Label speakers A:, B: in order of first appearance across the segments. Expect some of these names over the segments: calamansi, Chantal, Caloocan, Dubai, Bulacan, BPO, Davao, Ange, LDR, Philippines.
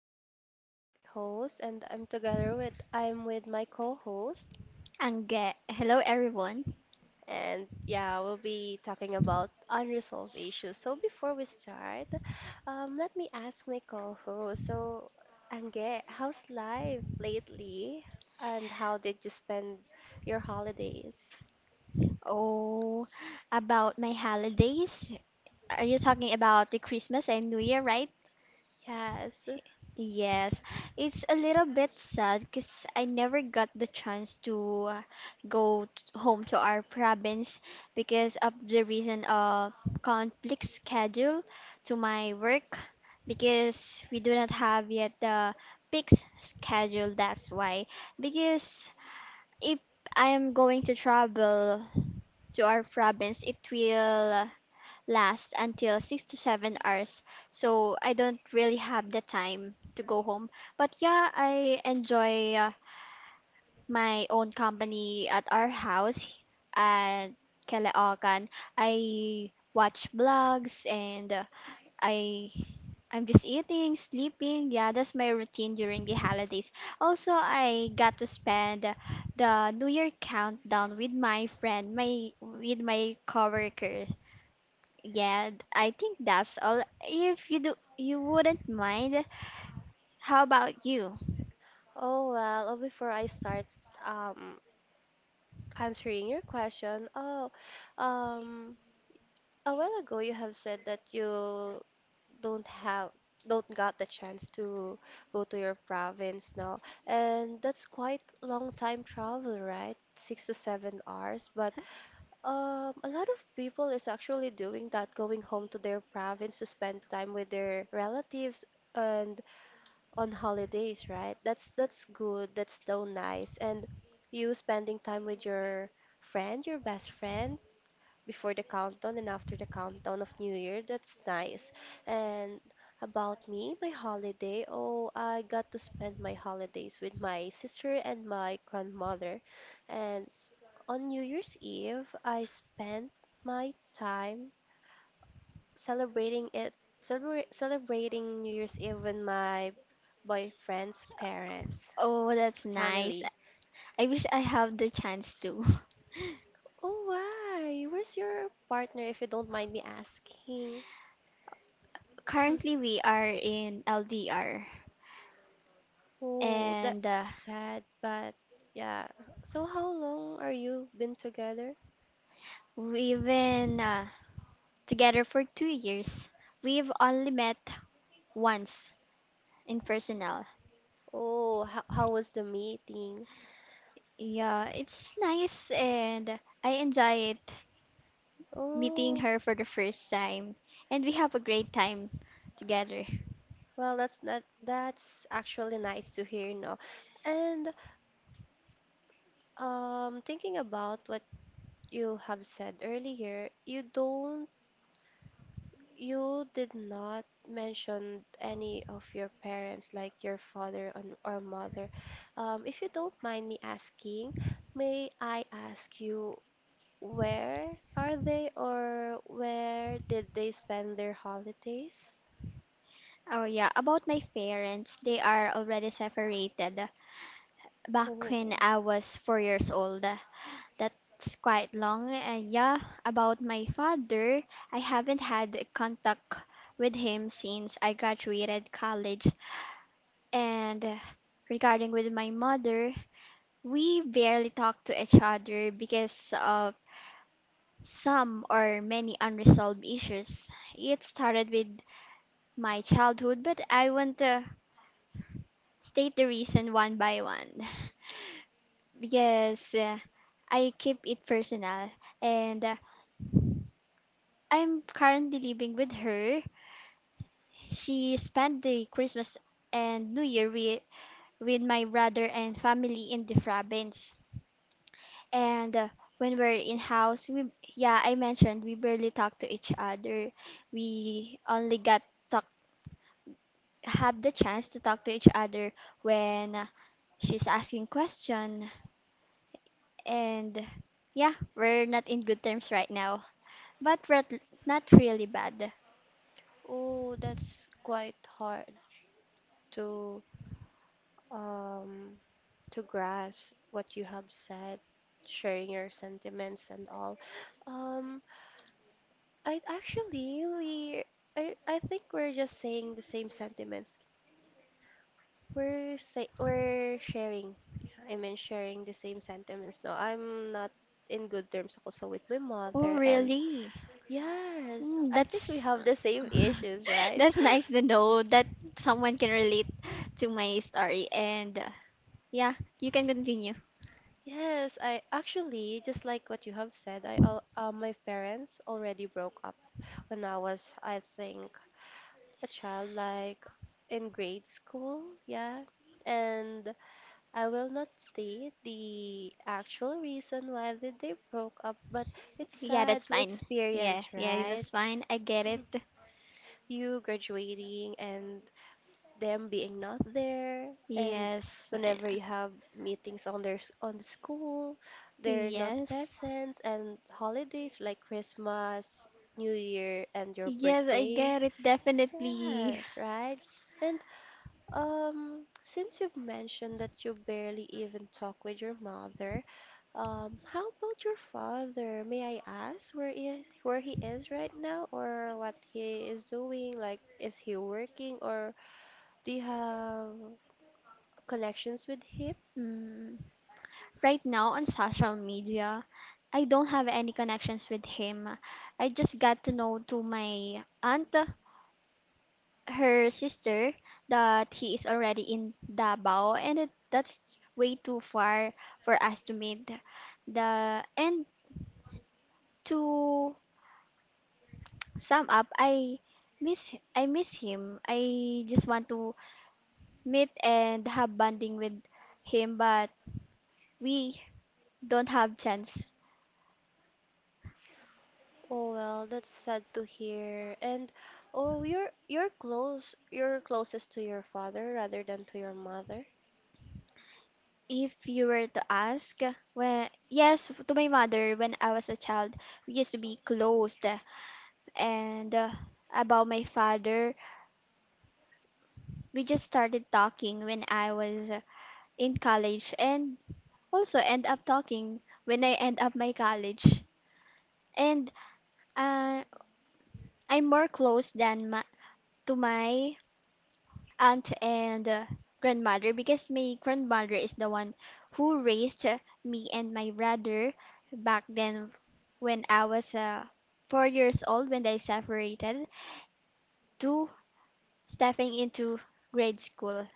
A: Chantal, the host, and I'm with my co-host,
B: Hello everyone.
A: and yeah, we'll be talking about unresolved issues. So before we start, let me ask my co-host. So, Ange, how's life lately, and how did you spend your holidays?
B: Oh, about my holidays. Are you talking about the Christmas and New Year, right?
A: Yes.
B: Yes. It's a little bit sad because I never got the chance to go home to our province because of the reason of conflict schedule to my work because we do not have yet the fixed schedule. That's why. Because if I am going to travel to our province, it will last until 6 to 7 hours. So I don't really have the time to go home. But yeah, I enjoy my own company at our house at Caloocan. I watch vlogs and I I'm just eating, sleeping. Yeah, that's my routine during the holidays. Also, I got to spend the New Year countdown with my friend, my with my coworkers. Yeah, I think that's all. If you do, you wouldn't mind. How about you?
A: Oh well, before I start um answering your question, oh, um, a while ago you have said that you don't have don't got the chance to go to your province now, and that's quite long time travel, right? 6 to 7 hours, but a lot of people is actually doing that, going home to their province to spend time with their relatives and on holidays, right? That's good. That's so nice. And you spending time with your friend, your best friend, before the countdown and after the countdown of New Year. That's nice. And about me, my holiday, oh, I got to spend my holidays with my sister and my grandmother. And on New Year's Eve, I spent my time celebrating it, celebrating New Year's Eve with my boyfriend's parents,
B: Oh, that's nice.
A: family.
B: I wish I have the chance to.
A: Oh, why? Where's your partner, if you don't mind me asking?
B: Currently, we are in LDR
A: Oh, that's
B: and
A: sad, but yeah. So how long are you been together?
B: we've been together for 2 years. We've only met once in personnel.
A: Oh, how was the meeting?
B: Yeah, it's nice and I enjoy it meeting
A: Oh,
B: her for the first time, and we have a great time together.
A: well, that that's actually nice to hear, you know. And thinking about what you have said earlier, you did not mention any of your parents, like your father and or mother. If you don't mind me asking, may I ask you where are they or where did they spend their holidays?
B: Oh yeah, about my parents, they are already separated back
A: Oh,
B: when I was 4 years old. That's quite long. Yeah, about my father, I haven't had contact with him since I graduated college. And regarding with my mother, we barely talk to each other because of some or many unresolved issues. It started with my childhood, but I won't state the reason one by one. Because I keep it personal. And I'm currently living with her. She spent the Christmas and New Year with my brother and family in the province. And when we're in house, we yeah, I mentioned we barely talk to each other. We only got talk have the chance to talk to each other when she's asking question. And yeah, we're not in good terms right now, but we're not really bad.
A: oh, that's quite hard to um, to grasp what you have said, sharing your sentiments and all. Um, I actually we I think we're just saying the same sentiments. We're say we're sharing. I mean sharing the same sentiments. No, I'm not in good terms also with my
B: Oh,
A: mother and
B: really?
A: yes,
B: Mm,
A: I think we
B: that's
A: have the same issues, right?
B: That's nice to know that someone can relate to my story. And yeah, you can continue.
A: Yes, I actually just like what you have said. My parents already broke up when I was, I think, a child, like in grade school, yeah. And I will not state the actual reason why did they broke up, but it's
B: Yeah,
A: sad
B: that's
A: to
B: fine. Yeah,
A: experience,
B: yeah,
A: right?
B: that's fine. I get it.
A: You graduating and them being not there and
B: Yes.
A: whenever you have meetings on on the school they're not
B: Yes.
A: present and holidays like Christmas, New Year and your
B: Yes, I
A: birthday.
B: get it. Definitely.
A: Yes, right. And since you've mentioned that you barely even talk with your mother, how about your father? May I ask where he is right now or what he is doing? Like, is he working or do you have connections with him?
B: Mm. Right now on social media, I don't have any connections with him. I just got to know to my aunt, her sister, that he is already in Davao, and that's way too far for us to meet. The and to sum up, I miss him. I just want to meet and have bonding with him, but we don't have chance.
A: Oh, well, that's sad to hear. And oh, you're closest to your father rather than to your mother.
B: If you were to ask, well, yes, to my mother, when I was a child, we used to be closed. And about my father, we just started talking when I was in college and also end up talking when I end up my college. And uh, I'm more close than to my aunt and grandmother because my grandmother is the one who raised me and my brother back then when I was 4 years old when they separated to stepping into grade school.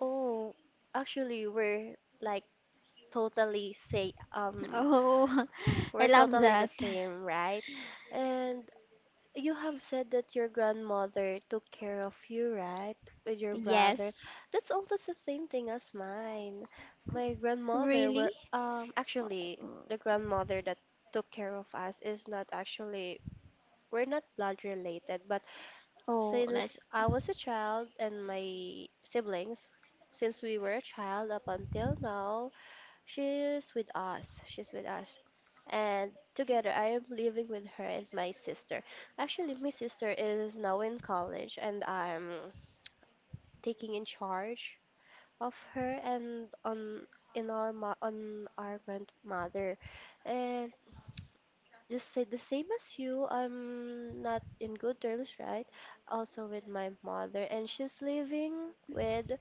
A: Oh, actually, we're like totally say
B: Oh, I
A: we're
B: love
A: totally the
B: that.
A: same, right? And you have said that your grandmother took care of you, right? With your brother.
B: Yes.
A: That's almost the same thing as mine. My grandmother were
B: Really?
A: actually
B: Mm.
A: the grandmother that took care of us is not actually we're not blood related, but
B: Oh, that's.
A: since I was a child and my siblings, since we were a child up until now, she's with us. She's with us. And together, I am living with her and my sister. Actually, my sister is now in college, and I'm taking in charge of her and on in our ma on our grandmother. And just say the same as you, I'm not in good terms, right? Also with my mother, and she's living with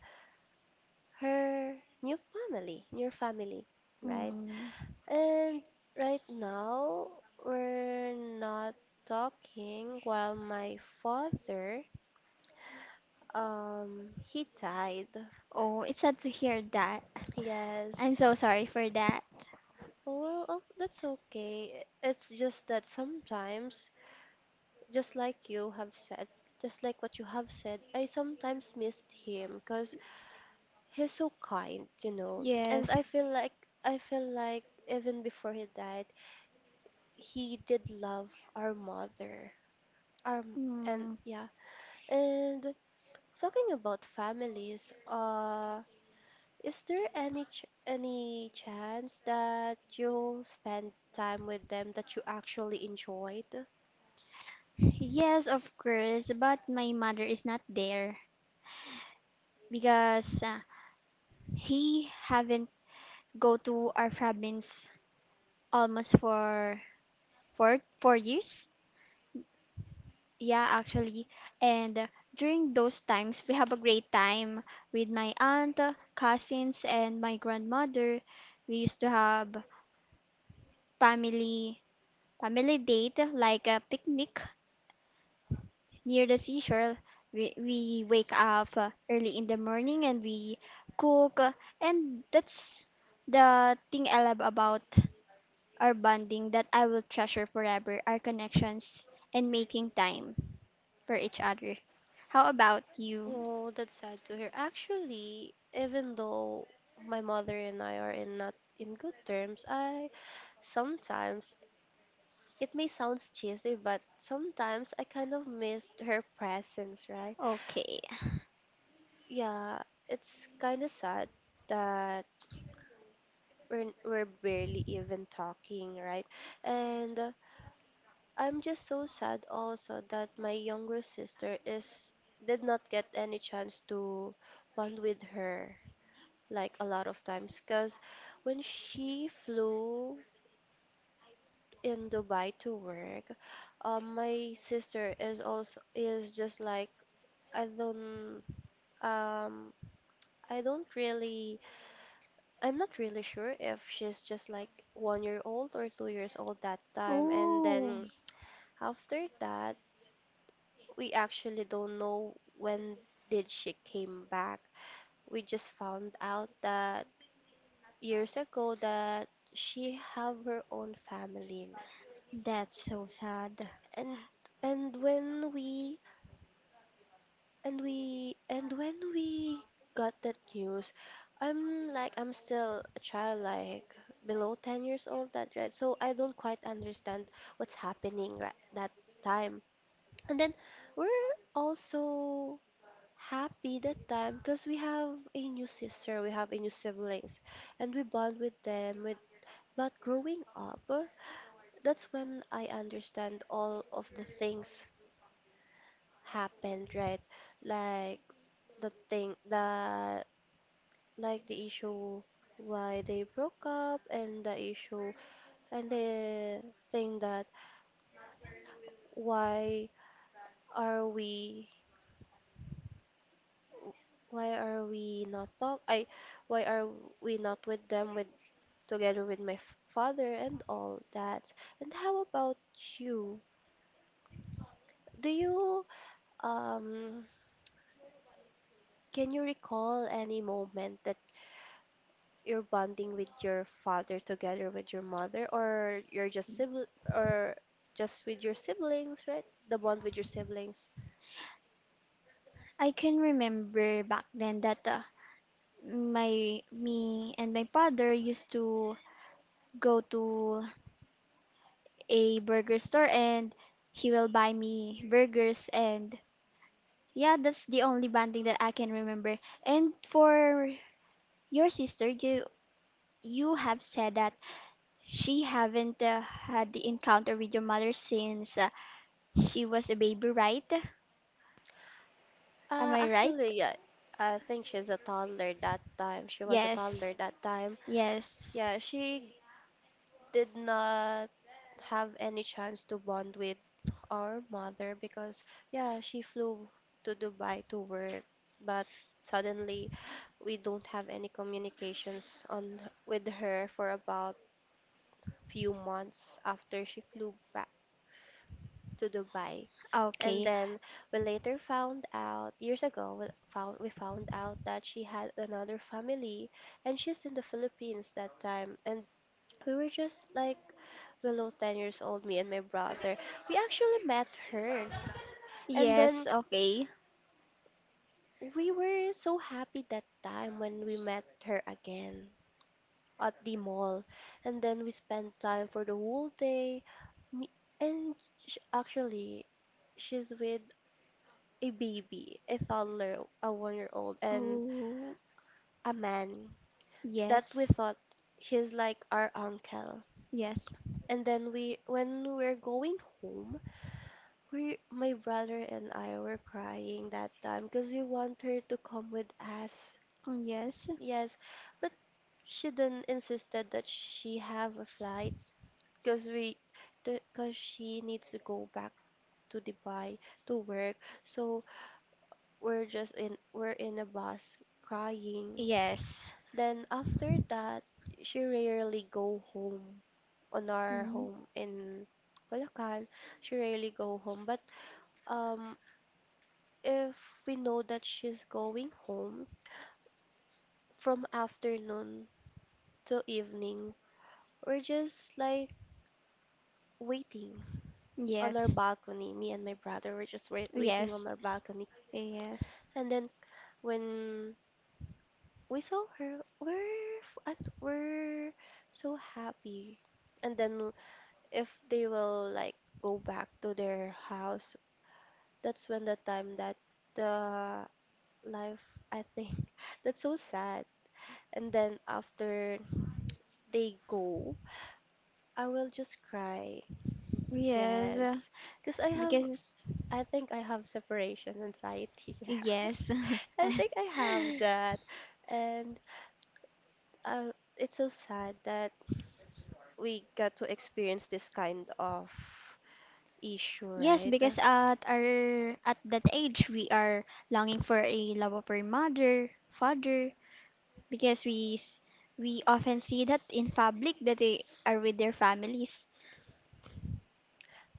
A: her new family, right?
B: Mm.
A: And right now, we're not talking while my father, he died.
B: Oh, it's sad to hear that.
A: Yes.
B: I'm so sorry for that.
A: Well, oh, that's okay. It's just that sometimes, just like you have said, just like what you have said, I sometimes missed him because he's so kind, you know. And
B: Yes.
A: I feel like even before he died, he did love our mother. Um, and
B: Mm.
A: yeah, and talking about families, is there any chance that you spend time with them that you actually enjoyed?
B: Yes, of course, but my mother is not there because he haven't go to our province almost for four years. Yeah, actually, and during those times we have a great time with my aunt, cousins, and my grandmother. We used to have family family date like a picnic near the seashore. We wake up early in the morning and we cook. And that's the thing I love about our bonding that I will treasure forever our connections and making time for each other. How about you?
A: Oh, that's sad to hear. Actually, even though my mother and I are in not in good terms, I sometimes, it may sound cheesy, but sometimes I kind of missed her presence, right?
B: Okay.
A: Yeah, it's kind of sad that we're barely even talking, right? And I'm just so sad also that my younger sister is did not get any chance to bond with her like a lot of times because when she flew in Dubai to work, my sister is also is just like I don't um I don't really, I'm not really sure if she's just like 1 year old or 2 years old that time. And
B: Oh,
A: then after that, we actually don't know when did she came back. We just found out that years ago that she have her own family.
B: that's so sad.
A: And and when we and when we got that news, I'm still a child, like below 10 years old that right. So I don't quite understand what's happening right that time. And then we're also happy that time because we have a new sister, we have a new siblings, and we bond with them. With But growing up, that's when I understand all of the things happened, right? Like the thing that like the issue why they broke up and the issue and the thing that why are we why are we not talk? Why are we not with them with together with my father and all that? And how about you? Do you um can you recall any moment that you're bonding with your father together with your mother, or you're just sibling, or just with your siblings, right? The bond with your siblings.
B: I can remember back then that my me and my father used to go to a burger store and he will buy me burgers and yeah, that's the only bonding that I can remember. And for your sister, you have said that she haven't had the encounter with your mother since she was a baby, right? Am I right?
A: Actually, yeah, I think she's a toddler that time.
B: Yes. Yes.
A: Yeah, she did not have any chance to bond with our mother because, yeah, she flew to Dubai to work, but suddenly we don't have any communications on with her for about few months after she flew back to Dubai. And
B: Okay.
A: then we later found out years ago we found out that she had another family and she's in the Philippines that time and we were just like below 10 years old, me and my brother. We actually met her. And then
B: Yes, okay.
A: we were so happy that time when we met her again at the mall. And then we spent time for the whole day. Me and sh actually, she's with a baby, a toddler, a 1 year old, and
B: Oh,
A: a man that we
B: yes.
A: thought he's like our uncle.
B: Yes.
A: And then when we're going home, my brother and I were crying that time because we want her to come with us.
B: Oh, yes.
A: Yes, but she then insisted that she have a flight because because she needs to go back to Dubai to work. So we're in a bus crying.
B: Yes.
A: Then after that, she rarely go home on our
B: Mm,
A: home in Bulacan. She rarely go home, but um if we know that she's going home from afternoon to evening, we're just like waiting on our
B: yes.
A: balcony. Me and my brother were just waiting on
B: Yes.
A: our balcony.
B: Yes,
A: And then when we saw her, we're so happy. And then if they will like go back to their house, that's when the time that the life, I think, that's so sad. And then after they go, I will just cry.
B: yes,
A: Yes. Because I have,
B: because
A: I think I have separation anxiety. Yeah.
B: yes,
A: I think I have that. And uh, it's so sad that we got to experience this kind of issue,
B: yes,
A: right?
B: because at that age we are longing for a love of our mother, father, because we often see that in public that they are with their families.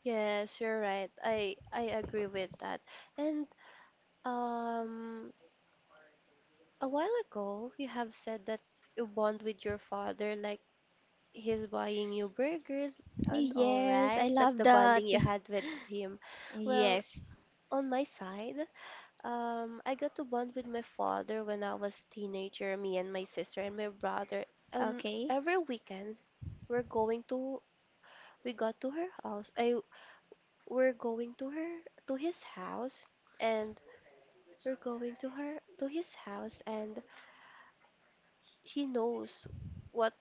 A: Yes, you're right. I agree with that. And um a while ago, you have said that you bond with your father, like he's buying you burgers and all,
B: Yes,
A: right?
B: I
A: That's
B: love
A: the
B: that.
A: bonding you had with him. Well,
B: Yes,
A: on my side, I got to bond with my father when I was teenager, me and my sister and my brother. And
B: okay.
A: every weekend, we're going to, we got to her house. We're going to her, to his house, and we're going to her, to his house, and he knows what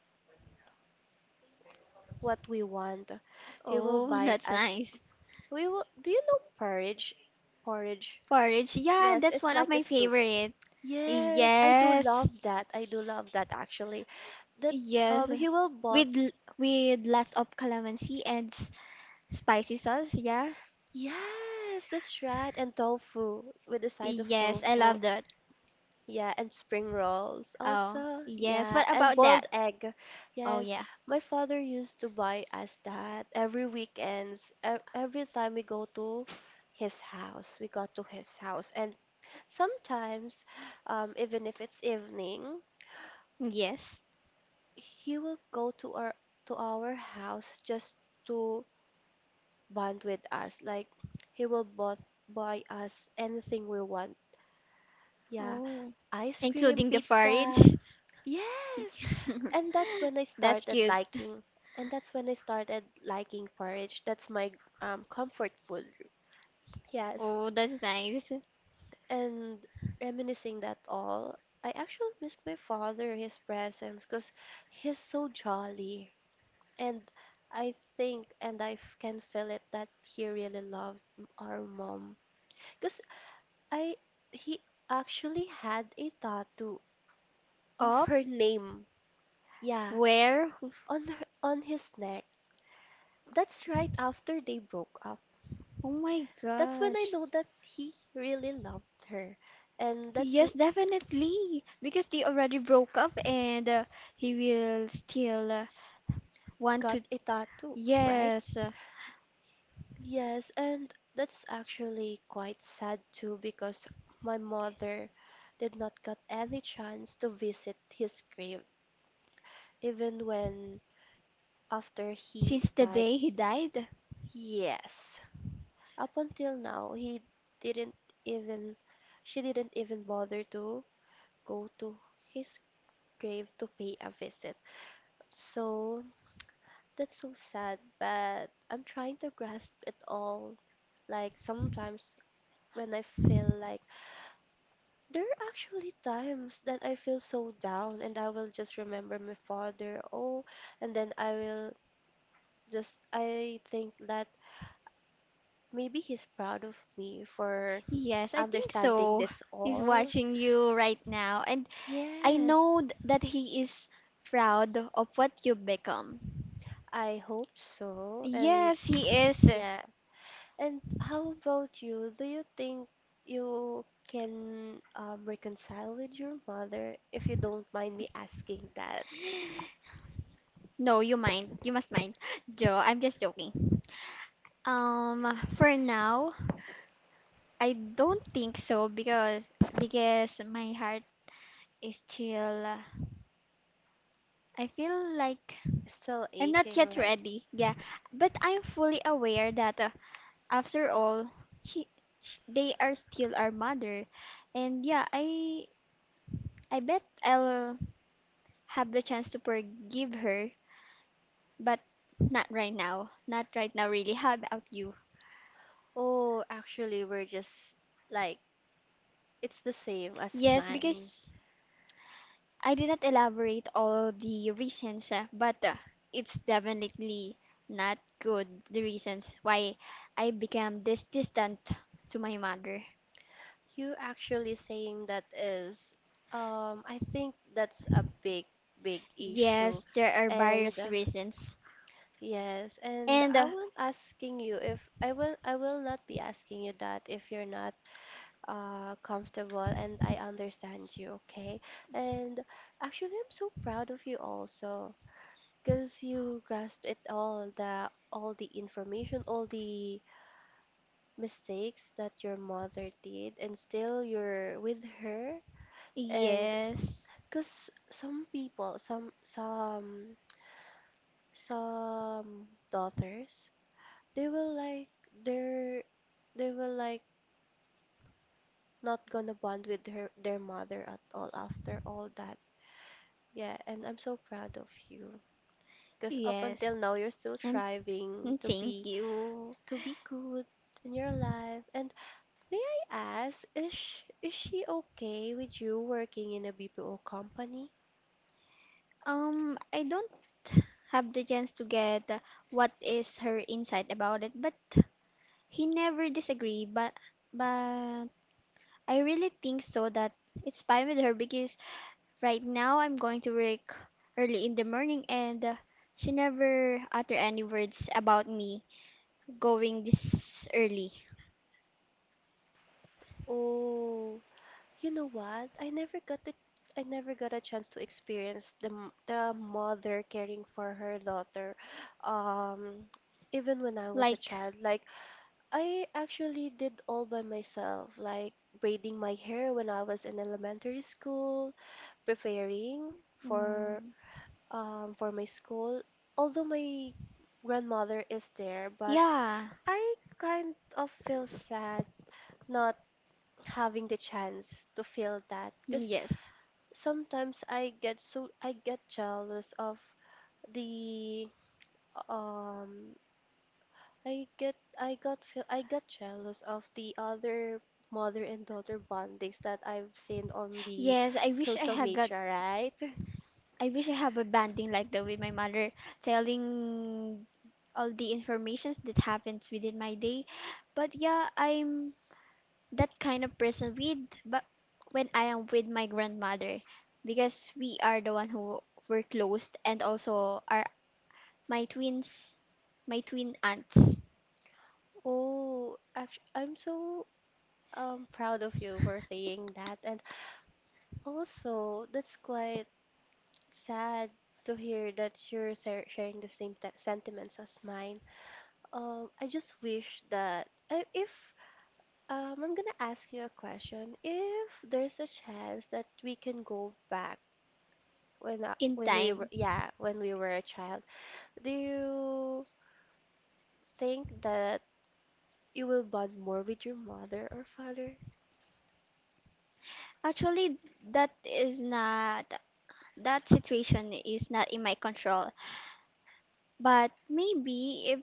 A: what we want. He will
B: Oh,
A: buy
B: That's
A: us.
B: nice.
A: We will. Do you know porridge? Porridge.
B: Porridge, yeah,
A: Yes,
B: that's
A: it's
B: one of
A: like a
B: my
A: soup.
B: favorite.
A: Yes, I do
B: Yes,
A: love that. I do love that actually. That
B: yes,
A: he will bought.
B: with l- with lots of calamansi and spicy sauce. Yeah.
A: Yes, that's right. And tofu with a side of
B: Yes, I
A: tofu.
B: love that.
A: Yeah, and spring rolls
B: Oh,
A: also.
B: yes.
A: Yeah,
B: What
A: and
B: about that?
A: boiled egg.
B: Oh,
A: Yes,
B: yeah.
A: my father used to buy us that every weekends. Every time we go to his house, we got to his house. And sometimes, even if it's evening,
B: Yes.
A: he will go to our house just to bond with us. Like he will both buy us anything we want. Yeah,
B: Oh,
A: ice cream,
B: including the forage.
A: pizza. Yes. And that's when I
B: That's
A: started
B: cute.
A: liking porridge. That's my comfort food. Yes.
B: Oh, that's nice.
A: And reminiscing that all, I actually miss my father, his presence, because he's so jolly. And I think, and can feel it, that he really loved our mom. Because I, he actually had a tattoo of
B: Up?
A: her name. Yeah,
B: Where?
A: on his neck. That's right after they broke up.
B: Oh my
A: That's when I
B: gosh.
A: know that he really loved her. And that's
B: Yes,
A: who
B: definitely. Because they already broke up and he will still want
A: got
B: to.
A: a tattoo, right?
B: Yes.
A: Yes, and that's actually quite sad too because my mother did not get any chance to visit his grave, even when after he
B: Since the
A: died.
B: day he died?
A: Yes. Up until now, he didn't even, she didn't even bother to go to his grave to pay a visit. So that's so sad, but I'm trying to grasp it all. Like sometimes when I feel like there are actually times that I feel so down and I will just remember my father. Oh, and then I will just I think that maybe he's proud of me for
B: Yes, I think
A: understanding
B: so.
A: this
B: He's
A: all.
B: watching you right now, and I
A: Yes,
B: know that he is proud of what you become.
A: I hope so. And
B: Yes, he is.
A: yeah. And how about you? Do you think you can reconcile with your mother, if you don't mind me asking that?
B: No, you mind. You must mind. Joe, I'm just joking. For now, I don't think so because my heart is still I feel like
A: Still
B: I'm not
A: aching,
B: yet
A: right?
B: ready. Yeah, but I'm fully aware that after all, he, they are still our mother. And yeah, I bet I'll have the chance to forgive her, but not right now. Not right now, really. How about you?
A: Oh, actually, we're just like, it's the same as
B: Yes,
A: mine.
B: because I did not elaborate all the reasons, but it's definitely not good, the reasons why I became this distant to my mother.
A: You actually saying that is, I think that's a big issue.
B: Yes, there are
A: And
B: various reasons.
A: yes, and
B: And
A: I will not be asking you that if you're not comfortable, and I understand you, okay? And actually I'm so proud of you also because you grasped it all, the all the information, all the mistakes that your mother did, and still you're with her. And
B: yes,
A: because some people, some daughters, they will like they're they will like not gonna bond with her their mother at all after all that. Yeah, and I'm so proud of you. Because up until
B: yes.
A: now you're still
B: Um,
A: striving
B: Thank you.
A: to be good in your life. And may I ask, is she okay with you working in a BPO company?
B: I don't have the chance to get what is her insight about it, but he never disagree. But I really think so that it's fine with her because right now I'm going to work early in the morning and she never utter any words about me going this early.
A: Oh, you know what? I never got a chance to experience the the mother caring for her daughter. Um, even when I was a
B: Like,
A: child, like I actually did all by myself, like braiding my hair when I was in elementary school, preparing
B: mm,
A: for my school. Although my grandmother is there, but
B: yeah,
A: I kind of feel sad not having the chance to feel that, because
B: yes,
A: sometimes I get jealous of the um I get I got feel I got jealous of the other mother and daughter bondings that I've seen on the
B: yes.
A: social media, right?
B: I wish I have a bonding like the way my mother telling all the informations that happens within my day. But yeah, I'm that kind of person with but when I am with my grandmother because we are the one who were closed and also are my twins my twin aunts
A: Oh, actually, I'm so proud of you for saying that, and also that's quite sad to hear that you're sharing the same t sentiments as mine. I just wish that I, if I'm gonna ask you a question. If there's a chance that we can go back
B: in time.
A: when we were a child, do you think that you will bond more with your mother or father?
B: Actually, that is not that situation is not in my control. But maybe if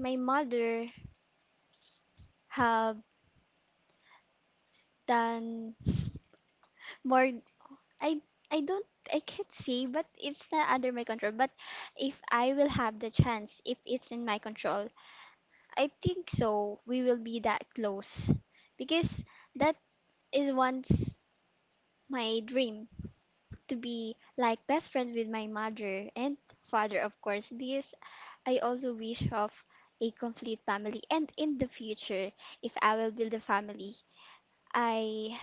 B: my mother have than more I I don't I can't say, but it's not under my control. But if I will have the chance, if it's in my control, I think so we will be that close, because that is once my dream to be like best friends with my mother and father, of course, because I also wish of a complete family, and in the future, if I will build a family, I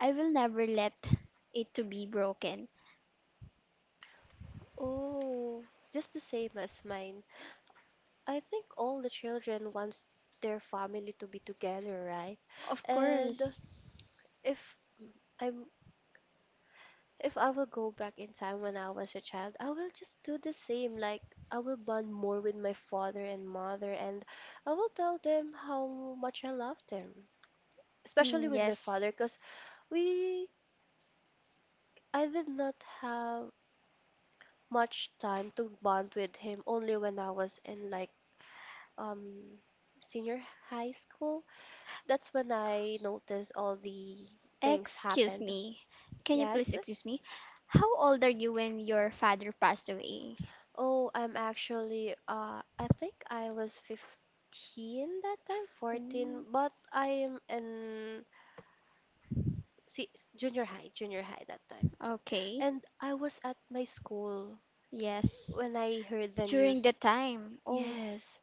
B: I will never let it to be broken.
A: Oh, just the same as mine. I think all the children wants their family to be together, right?
B: Of
A: And
B: course.
A: if I'm if I will go back in time when I was a child, I will just do the same. Like, I will bond more with my father and mother, and I will tell them how much I love them, especially
B: Mm,
A: with my
B: yes.
A: father, because we, I did not have much time to bond with him, only when I was in like um senior high school. That's when I noticed all the things
B: Excuse
A: happened.
B: me. Can you please
A: Yes.
B: excuse me? How old are you when your father passed away?
A: Oh, I'm actually, I think I was 15 that time,
B: Mm,
A: 14, but I am in see, junior high that time.
B: okay.
A: And I was at my school
B: Yes.
A: when I heard the
B: During
A: news.
B: the time. Oh,
A: Yes,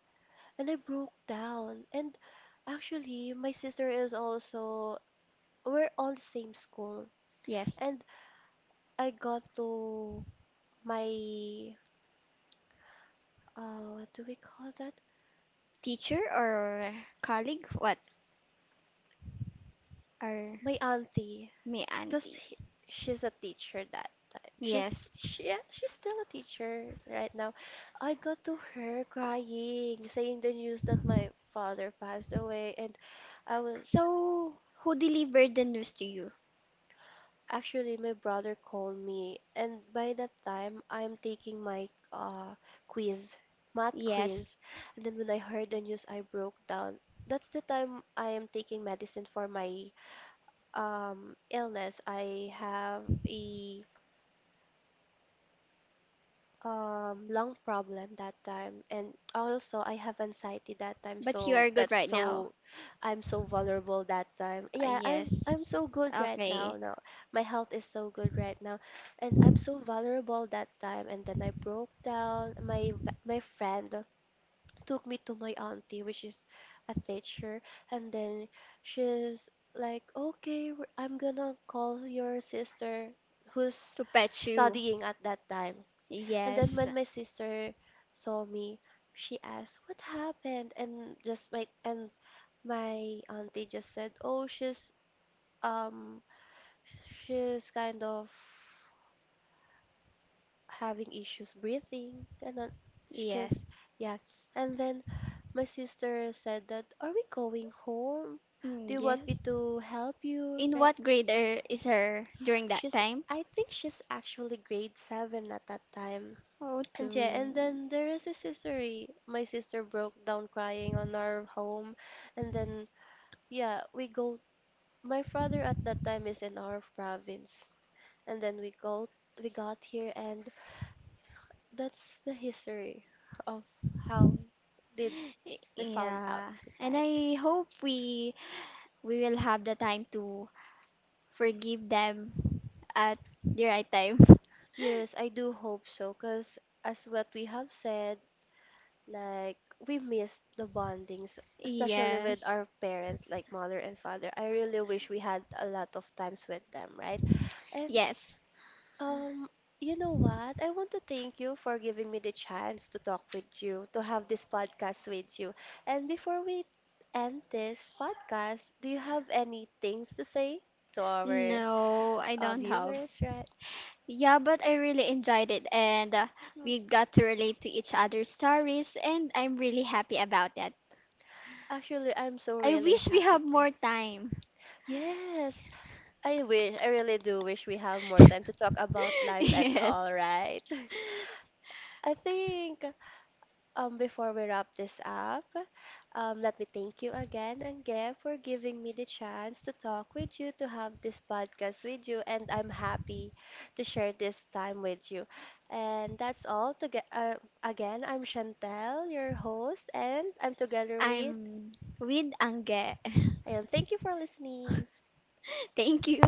A: and I broke down. And actually, my sister is also, we're all the same school.
B: yes.
A: And I got to my, what do we call that?
B: Teacher or colleague? What? Or
A: My auntie.
B: me
A: Because
B: auntie?
A: she's a teacher that time. She's
B: Yes.
A: she yeah, she's still a teacher right now. I got to her crying, saying the news that my father passed away, and I was
B: So, who delivered the news to you?
A: actually my brother called me, and by that time I'm taking my quiz, math quiz,
B: Yes.
A: and then when I heard the news, I broke down. That's the time I am taking medicine for my um illness. I have a lung problem that time, and also I have anxiety that time,
B: But you
A: so
B: are good
A: that's
B: right now.
A: so I'm so vulnerable that time. Yeah, I'm
B: Yes.
A: so good right now.
B: Okay.
A: Now my health is so good right now, and I'm so vulnerable that time, and then I broke down. My friend took me to my auntie, which is a teacher, and then she's like, "Okay, I'm gonna call your sister who's
B: To pet you.
A: studying at that time." And then
B: Yes.
A: when my sister saw me, she asked, "What happened?" And just my and my auntie just said, "Oh, um she's kind of having issues breathing." And then she just
B: Yes.
A: yeah. And then my sister said that, "Are we going home?
B: Mm,
A: Do you want me
B: yes.
A: to help you?"
B: In
A: Right?
B: what grade is her during that
A: She's,
B: time?
A: I think she's actually grade seven at that time.
B: Oh, two.
A: And yeah, and then there is rest history. My sister broke down crying on our home, and then yeah, we go. My father at that time is in our province, and then we got here, and that's the history of how did we found out
B: Yeah.
A: the
B: And
A: time.
B: I hope we will have the time to forgive them at the right time.
A: Yes, I do hope so, because as what we have said, like we miss the bondings, especially with
B: Yes.
A: our parents, like mother and father. I really wish we had a lot of times with them, right? And
B: Yes.
A: um, you know what? I want to thank you for giving me the chance to talk with you, to have this podcast with you. And before we end this podcast, do you have any things to say to our
B: No, I don't have.
A: viewers, right?
B: Yeah, but I really enjoyed it and we got to relate to each other's stories and I'm really happy about that.
A: Actually, I'm so
B: I
A: really
B: wish we
A: happy
B: have
A: too.
B: more time.
A: Yes, I wish, I really do wish we have more time to talk about life and
B: Yes.
A: all, right? I think before we wrap this up, let me thank you again, Angge, for giving me the chance to talk with you, to have this podcast with you, and I'm happy to share this time with you. And that's all. To get again, I'm Chantel, your host, and I'm together with.
B: I'm with Ange.
A: And thank you for listening.
B: Thank you.